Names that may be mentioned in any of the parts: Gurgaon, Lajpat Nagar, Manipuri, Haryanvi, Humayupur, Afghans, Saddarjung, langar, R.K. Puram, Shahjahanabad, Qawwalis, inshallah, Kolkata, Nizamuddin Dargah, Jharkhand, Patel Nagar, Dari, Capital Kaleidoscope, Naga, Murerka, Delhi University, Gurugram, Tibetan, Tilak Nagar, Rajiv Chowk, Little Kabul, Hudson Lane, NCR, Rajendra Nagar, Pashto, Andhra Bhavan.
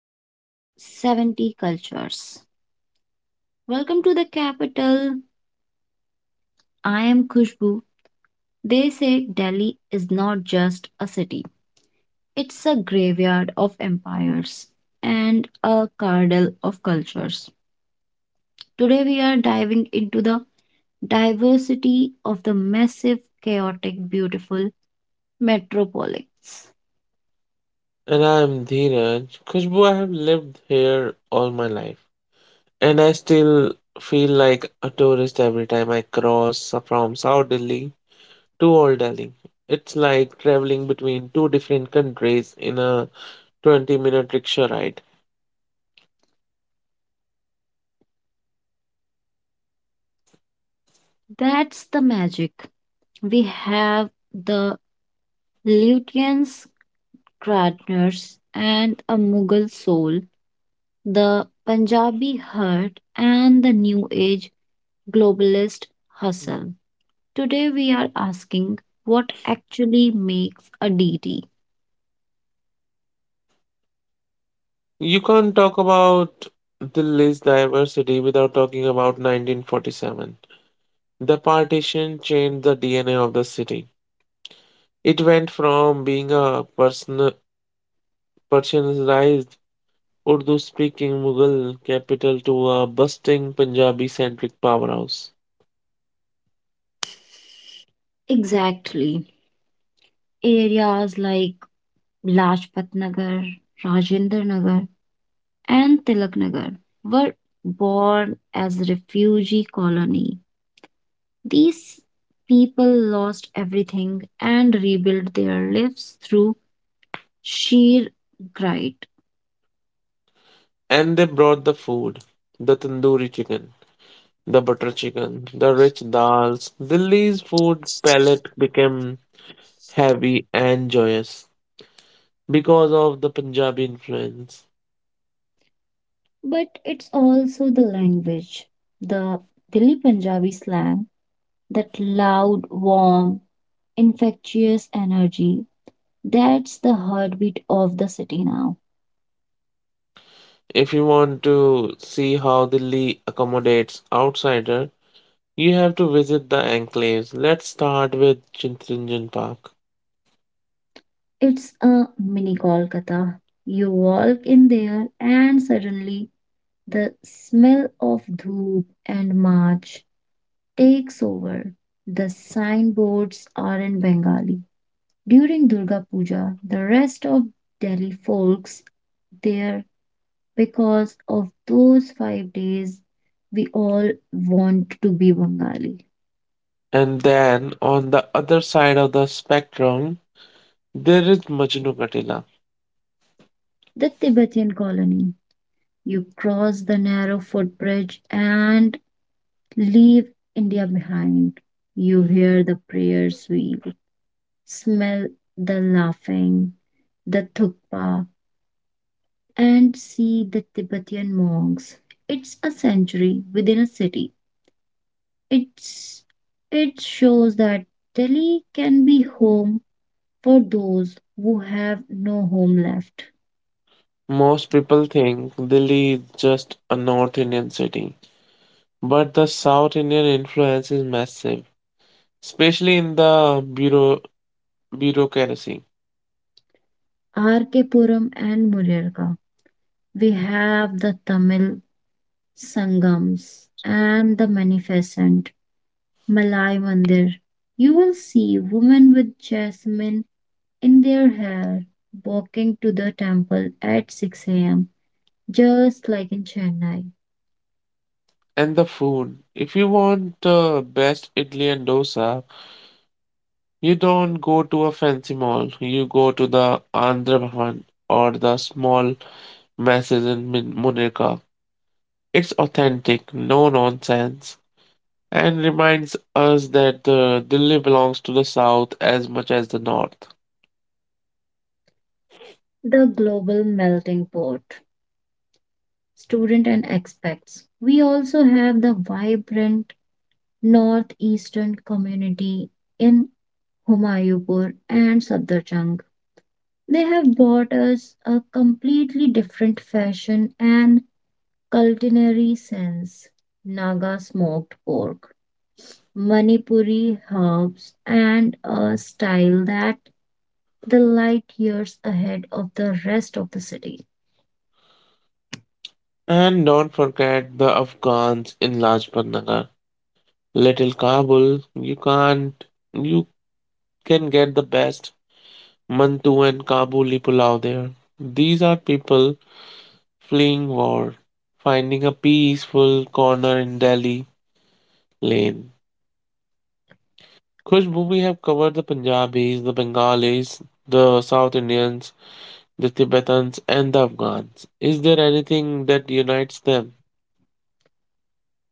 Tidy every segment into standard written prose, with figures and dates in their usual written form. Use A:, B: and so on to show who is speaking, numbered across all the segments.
A: and 70 cultures. Welcome to the capital. I am Khushbu. They say Delhi is not just a city, it's a graveyard of empires and a cradle of cultures. Today, we are diving into the diversity of the massive, chaotic, beautiful metropolis.
B: And I'm Dheeraj. Khushbu, I have lived here all my life. And I still feel like a tourist every time I cross from South Delhi to Old Delhi. It's like traveling between two different countries in a 20-minute rickshaw ride.
A: That's the magic we have the Lutians Krautners and a Mughal soul, the Punjabi heart, and the New Age globalist hustle. Today we are asking what actually makes a deity.
B: You can't talk about Delhi's diversity without talking about 1947. The partition changed the DNA of the city. It went from being a personalized Urdu speaking Mughal capital to a bustling Punjabi centric powerhouse.
A: Exactly. Areas like Lajpat Nagar, Rajendra Nagar, and Tilak Nagar were born as refugee colony. These people lost everything and rebuilt their lives through sheer grind.
B: And they brought the food, the tandoori chicken, the butter chicken, the rich dals. Delhi's food palette became heavy and joyous because of the Punjabi influence.
A: But it's also the language, the Delhi Punjabi slang, that loud, warm, infectious energy. That's the heartbeat of the city now.
B: If you want to see how Delhi accommodates outsider, you have to visit the enclaves. Let's start with Chittaranjan Park.
A: It's a mini Kolkata. You walk in there, and suddenly the smell of dhoop and march takes over. The signboards are in Bengali. During Durga Puja, the rest of Delhi folks there because of those 5 days we all want to be Bengali.
B: And then on the other side of the spectrum, there is Majnu Katila.
A: The Tibetan colony. You cross the narrow footbridge and leave India behind. You hear the prayers wheel, smell the laughing, the thukpa, and see the Tibetan monks. It's a century within a city. It's it shows that Delhi can be home for those who have no home left.
B: Most people think Delhi is just a North Indian city, but the South Indian influence is massive, especially in the bureaucracy
A: R.K. Puram and Murerka. We have the Tamil Sangams and the Magnificent Malai Mandir. You will see women with jasmine in their hair walking to the temple at 6 a.m., just like in Chennai,
B: and the food. If you want the best idli and dosa, you don't go to a fancy mall. You go to the Andhra Bhavan or the small messes in Munirka. It's authentic, no nonsense, and reminds us that the Delhi belongs to the south as much as the north.
A: the global melting pot. Student and expats. We also have the vibrant northeastern community in Humayupur and Saddarjung. They have brought us a completely different fashion and culinary sense. Naga smoked pork, Manipuri herbs, and a style that the light years ahead of the rest of the city.
B: And don't forget the Afghans in Lajpat Nagar. Little Kabul, you can't, you can get the best Mantu and Kabuli pulao there. These are people fleeing war, finding a peaceful corner in Delhi lane. Kushbu, we have covered the Punjabis, the Bengalis, the South Indians, the Tibetans and the Afghans. Is there anything that unites them?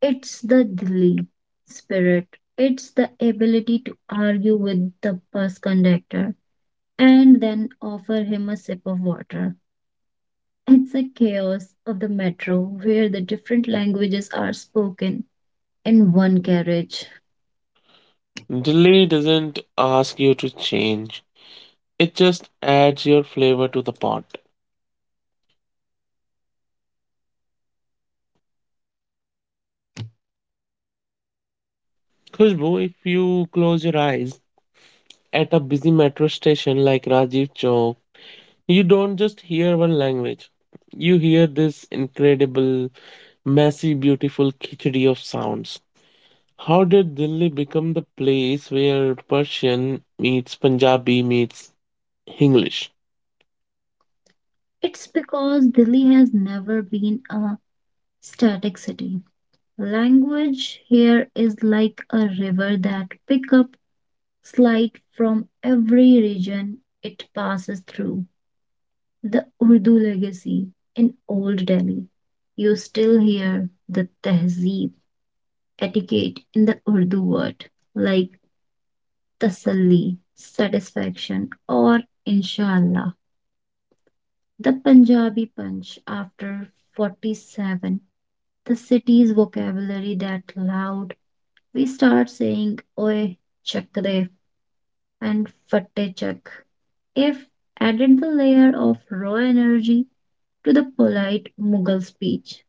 A: It's the Delhi spirit. It's the ability to argue with the bus conductor and then offer him a sip of water. It's the chaos of the metro where the different languages are spoken in one carriage.
B: Delhi doesn't ask you to change, it just adds your flavor to the pot. Khushbu, if you close your eyes at a busy metro station like Rajiv Chowk, you don't just hear one language. You hear this incredible, messy, beautiful khichdi of sounds. How did Delhi become the place where Persian meets Punjabi meets English?
A: It's because Delhi has never been a static city. Language here is like a river that pick up slight from every region it passes through. The Urdu legacy in Old Delhi. You still hear the tehzeeb etiquette in the Urdu word, like tasalli, satisfaction, or inshallah. The Punjabi punch after 47, the city's vocabulary that loud, we start saying oye chakre and fatte chak. If added the layer of raw energy to the polite Mughal speech,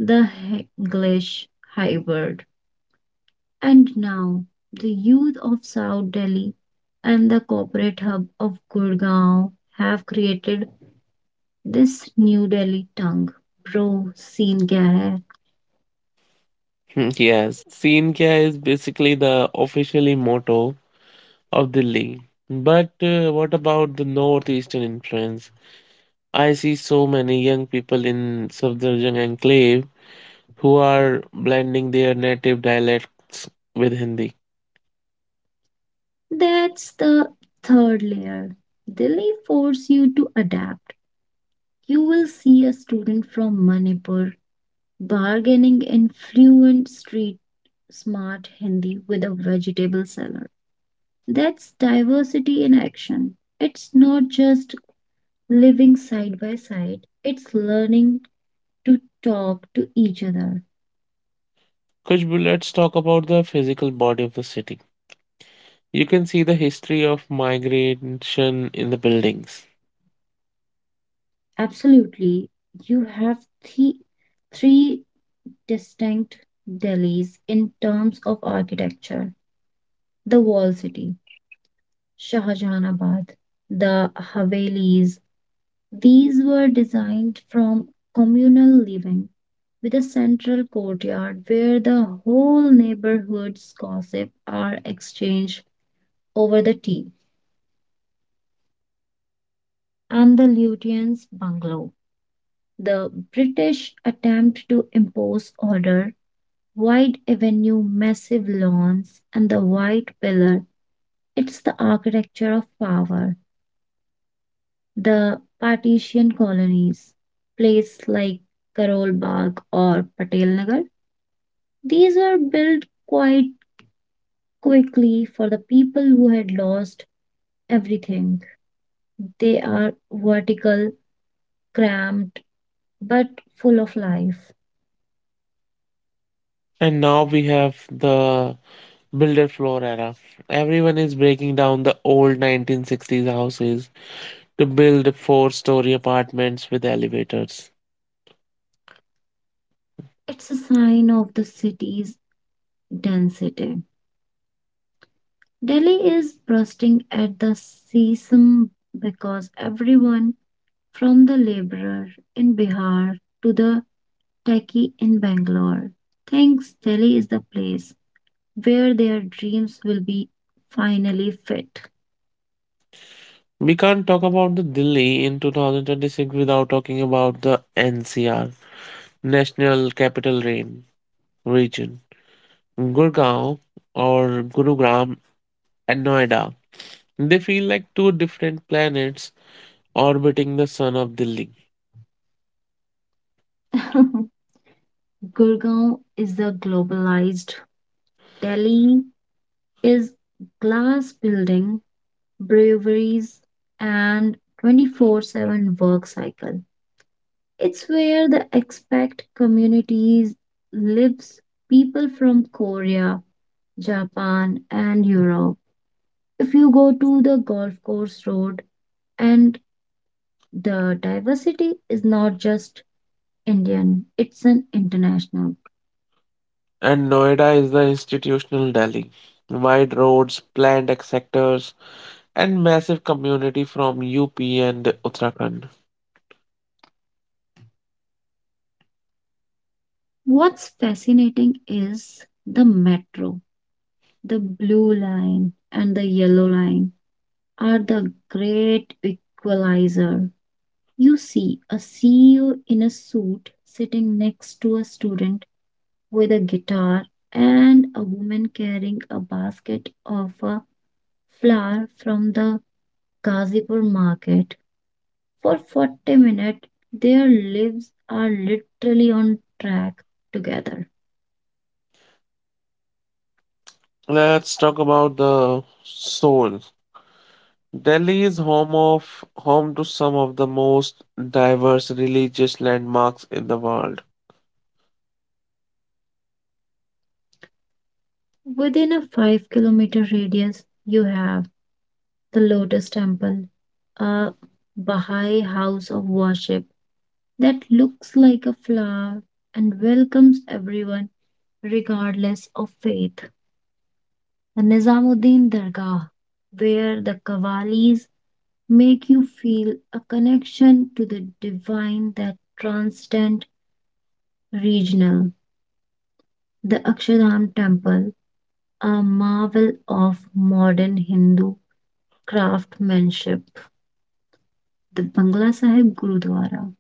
A: the English hybrid, and now the youth of South Delhi and the corporate hub of Gurgaon have created this New Delhi tongue. Bro, scene kya hai?
B: Yes, Seen Kya is basically the officially motto of Delhi. But what about the northeastern influence? I see so many young people in Safdarjung enclave who are blending their native dialects with Hindi.
A: That's the third layer. Delhi force you to adapt. You will see a student from Manipur bargaining in fluent street smart Hindi with a vegetable seller. That's diversity in action. It's not just living side by side, it's learning to talk to each other.
B: Khushbu, let's talk about the physical body of the city. You can see the history of migration in the buildings.
A: Absolutely, you have three, three distinct Delhis in terms of architecture, the wall city, Shahjahanabad, the Havelis. These were designed from communal living with a central courtyard where the whole neighborhood's gossip are exchanged over the tea, and the Lutyens' bungalow. The British attempt to impose order, wide avenue, massive lawns, and the white pillar. It's the architecture of power. The partition colonies, places like Karolbagh or Patel Nagar, these were built quite quickly for the people who had lost everything. They are vertical, cramped, but full of life.
B: And now we have the builder floor era. Everyone is breaking down the old 1960s houses to build four-story apartments with elevators.
A: It's a sign of the city's density. Delhi is bursting at the seams because everyone, from the laborer in Bihar to the techie in Bangalore, thinks Delhi is the place where their dreams will be finally fit.
B: We can't talk about the Delhi in 2026 without talking about the NCR, National Capital Rain region. Gurgaon or Gurugram and Noida. They feel like two different planets orbiting the sun of Delhi.
A: Gurgaon is the globalized Delhi, is glass building, breweries, and 24/7 work cycle. It's where the expat communities lives, people from Korea, Japan, and Europe. If you go to the golf course road, and the diversity is not just Indian, it's an international.
B: And Noida is the institutional Delhi. Wide roads, planned sectors, and massive community from UP and Uttarakhand.
A: What's fascinating is the metro, the blue line, and the yellow line are the great equalizer. You see a CEO in a suit sitting next to a student with a guitar and a woman carrying a basket of a flour from the Ghazipur market. For 40 minutes, their lives are literally on track together.
B: Let's talk about the soul. Delhi is home of home to some of the most diverse religious landmarks in the world.
A: Within a 5-kilometer radius, you have the Lotus Temple, a Baha'i house of worship that looks like a flower and welcomes everyone regardless of faith. The Nizamuddin Dargah, where the Qawwalis make you feel a connection to the divine that transcends regional. The Akshardham Temple, a marvel of modern Hindu craftsmanship. The Bangla Sahib Gurudwara,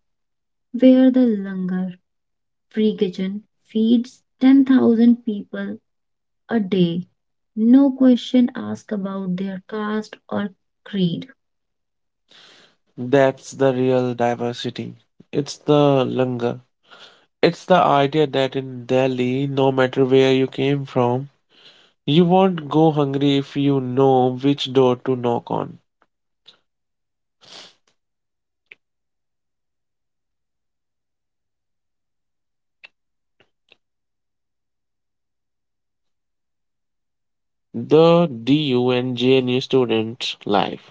A: where the langar free kitchen feeds 10,000 people a day. No question asked about their caste or creed.
B: That's the real diversity. It's the langar. It's the idea that in Delhi, no matter where you came from, you won't go hungry if you know which door to knock on. The DU and JNU students' life.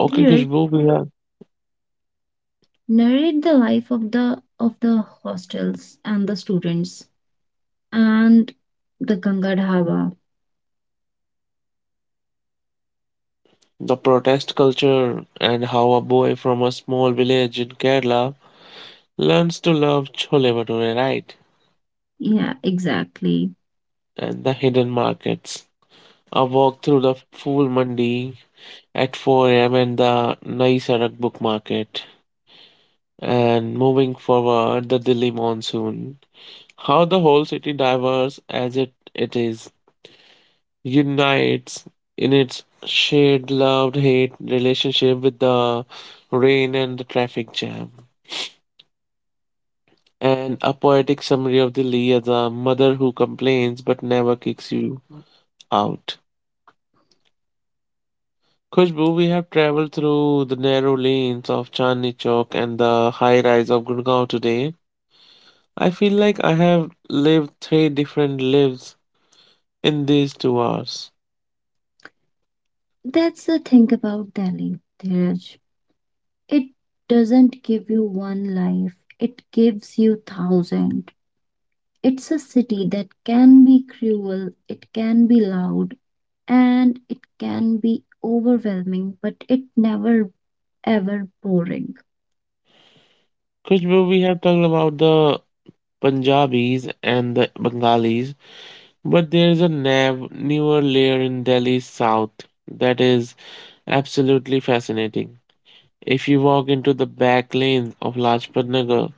B: Okay,
A: Dheeraj,
B: Khushbu, we have
A: narrate the life of the hostels and the students and the Ganga Dhaba.
B: the protest culture and how a boy from a small village in Kerala learns to love chole bhature, right?
A: Yeah, exactly.
B: And the hidden markets. A walk through the Fool Mandi at 4 a.m. and the Nai Sarak book market. And moving forward, the Delhi monsoon. How the whole city, diverse as it is, unites in its shared love-hate relationship with the rain and the traffic jam. And a poetic summary of Dili as a mother who complains but never kicks you out. Khushbu, we have traveled through the narrow lanes of Chandni Chowk and the high rise of Gurgaon today. I feel like I have lived three different lives in these 2 hours.
A: That's the thing about Delhi, Dheeraj. It doesn't give you one life. It gives you thousand. It's a city that can be cruel, it can be loud, and it can be overwhelming, but it never ever boring.
B: Khushbu, we have talked about the Punjabis and the Bengalis, but there is a nav newer layer in Delhi's south that is absolutely fascinating. If you walk into the back lanes of Lajpat Nagar,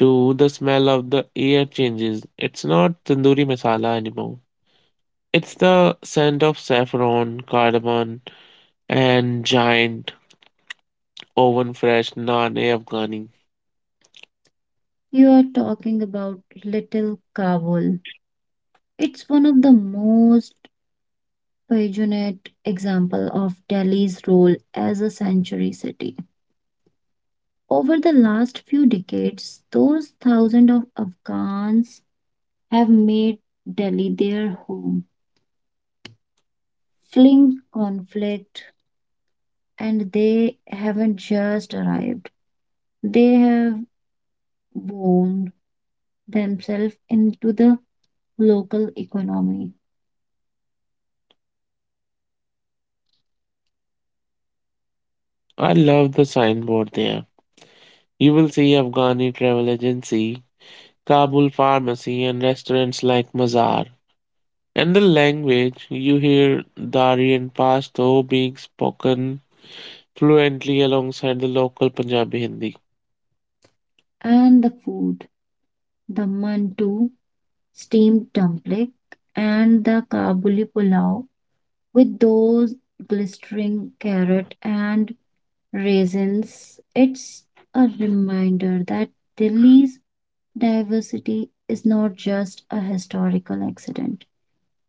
B: to the smell of the air changes. It's not tandoori masala anymore. It's the scent of saffron, cardamom, and giant oven fresh naan e Afghani.
A: You are talking about Little Kabul. It's one of the most passionate example of Delhi's role as a sanctuary city. Over the last few decades, those thousands of Afghans have made Delhi their home, fleeing conflict, and they haven't just arrived. They have wound themselves into the local economy
B: I love the signboard there. You will see Afghani travel agency, Kabul pharmacy, and restaurants like Mazar. And the language, you hear Dari and Pashto being spoken fluently alongside the local Punjabi Hindi.
A: and the food. The mantu, steamed dumpling, and the kabuli pulao with those glistering carrot and raisins. It's a reminder that Delhi's diversity is not just a historical accident.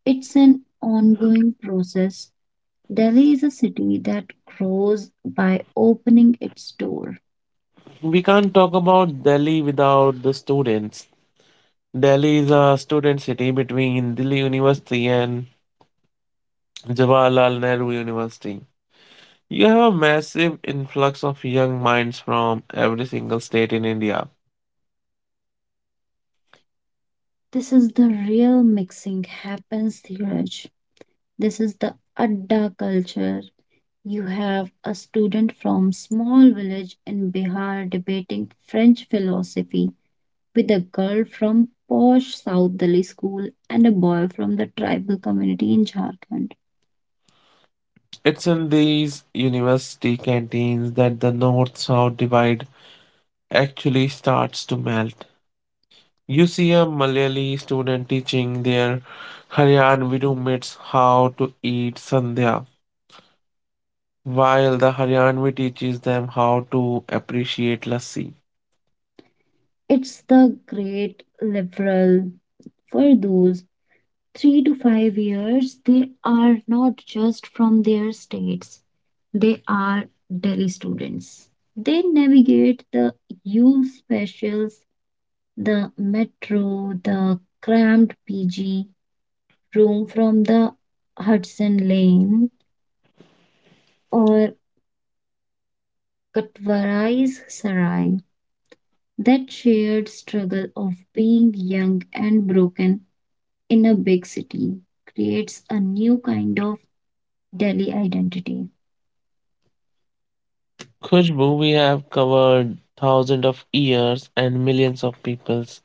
A: It's an ongoing process. Delhi is a city that grows by opening its door.
B: We can't talk about Delhi without the students. Delhi is a student city between Delhi University and Jawaharlal Nehru University. You have a massive influx of young minds from every single state in India.
A: This is the real mixing happens, Dheeraj. This is the Adda culture. You have a student from small village in Bihar debating French philosophy with a girl from posh South Delhi school and a boy from the tribal community in Jharkhand.
B: It's in these university canteens that the north south divide actually starts to melt. You see a Malayali student teaching their Haryanvi roommates how to eat sandhya, while the Haryanvi teaches them how to appreciate lassi.
A: It's the great liberal for those 3 to 5 years, they are not just from their states, they are Delhi students. They navigate the U specials, the metro, the cramped PG room from the Hudson Lane or Katwarai's Sarai. That shared struggle of being young and broken in a big city creates a new kind of Delhi identity.
B: Khushbu, we have covered thousands of years and millions of peoples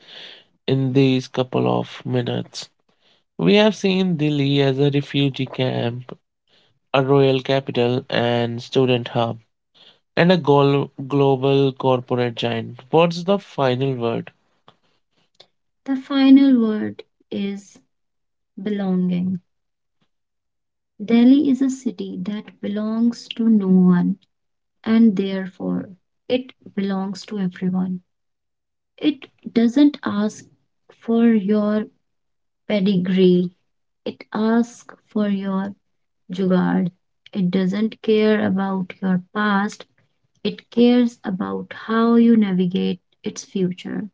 B: in these couple of minutes. We have seen Delhi as a refugee camp, a royal capital and student hub, and a global corporate giant. What's the final word?
A: The final word is belonging. Delhi is a city that belongs to no one, and therefore it belongs to everyone. It doesn't ask for your pedigree, it asks for your jugaad. It doesn't care about your past, it cares about how you navigate its future.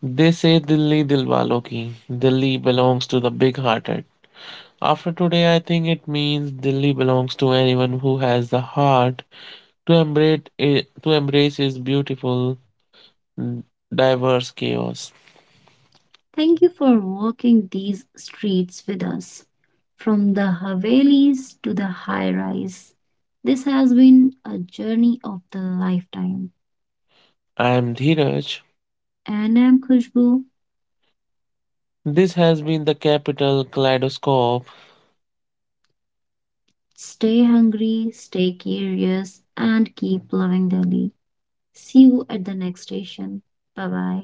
B: They say Dilli Dilwalo ki, Dilli belongs to the big hearted. After today, I think it means Dilli belongs to anyone who has the heart to embrace it, to embrace its beautiful, diverse chaos.
A: Thank you for walking these streets with us, from the Havelis to the high rise. This has been a journey of the lifetime.
B: I am Dheeraj.
A: And I'm Khushbu.
B: This has been the Capital Kaleidoscope.
A: Stay hungry, stay curious, and keep loving Delhi. See you at the next station. Bye bye.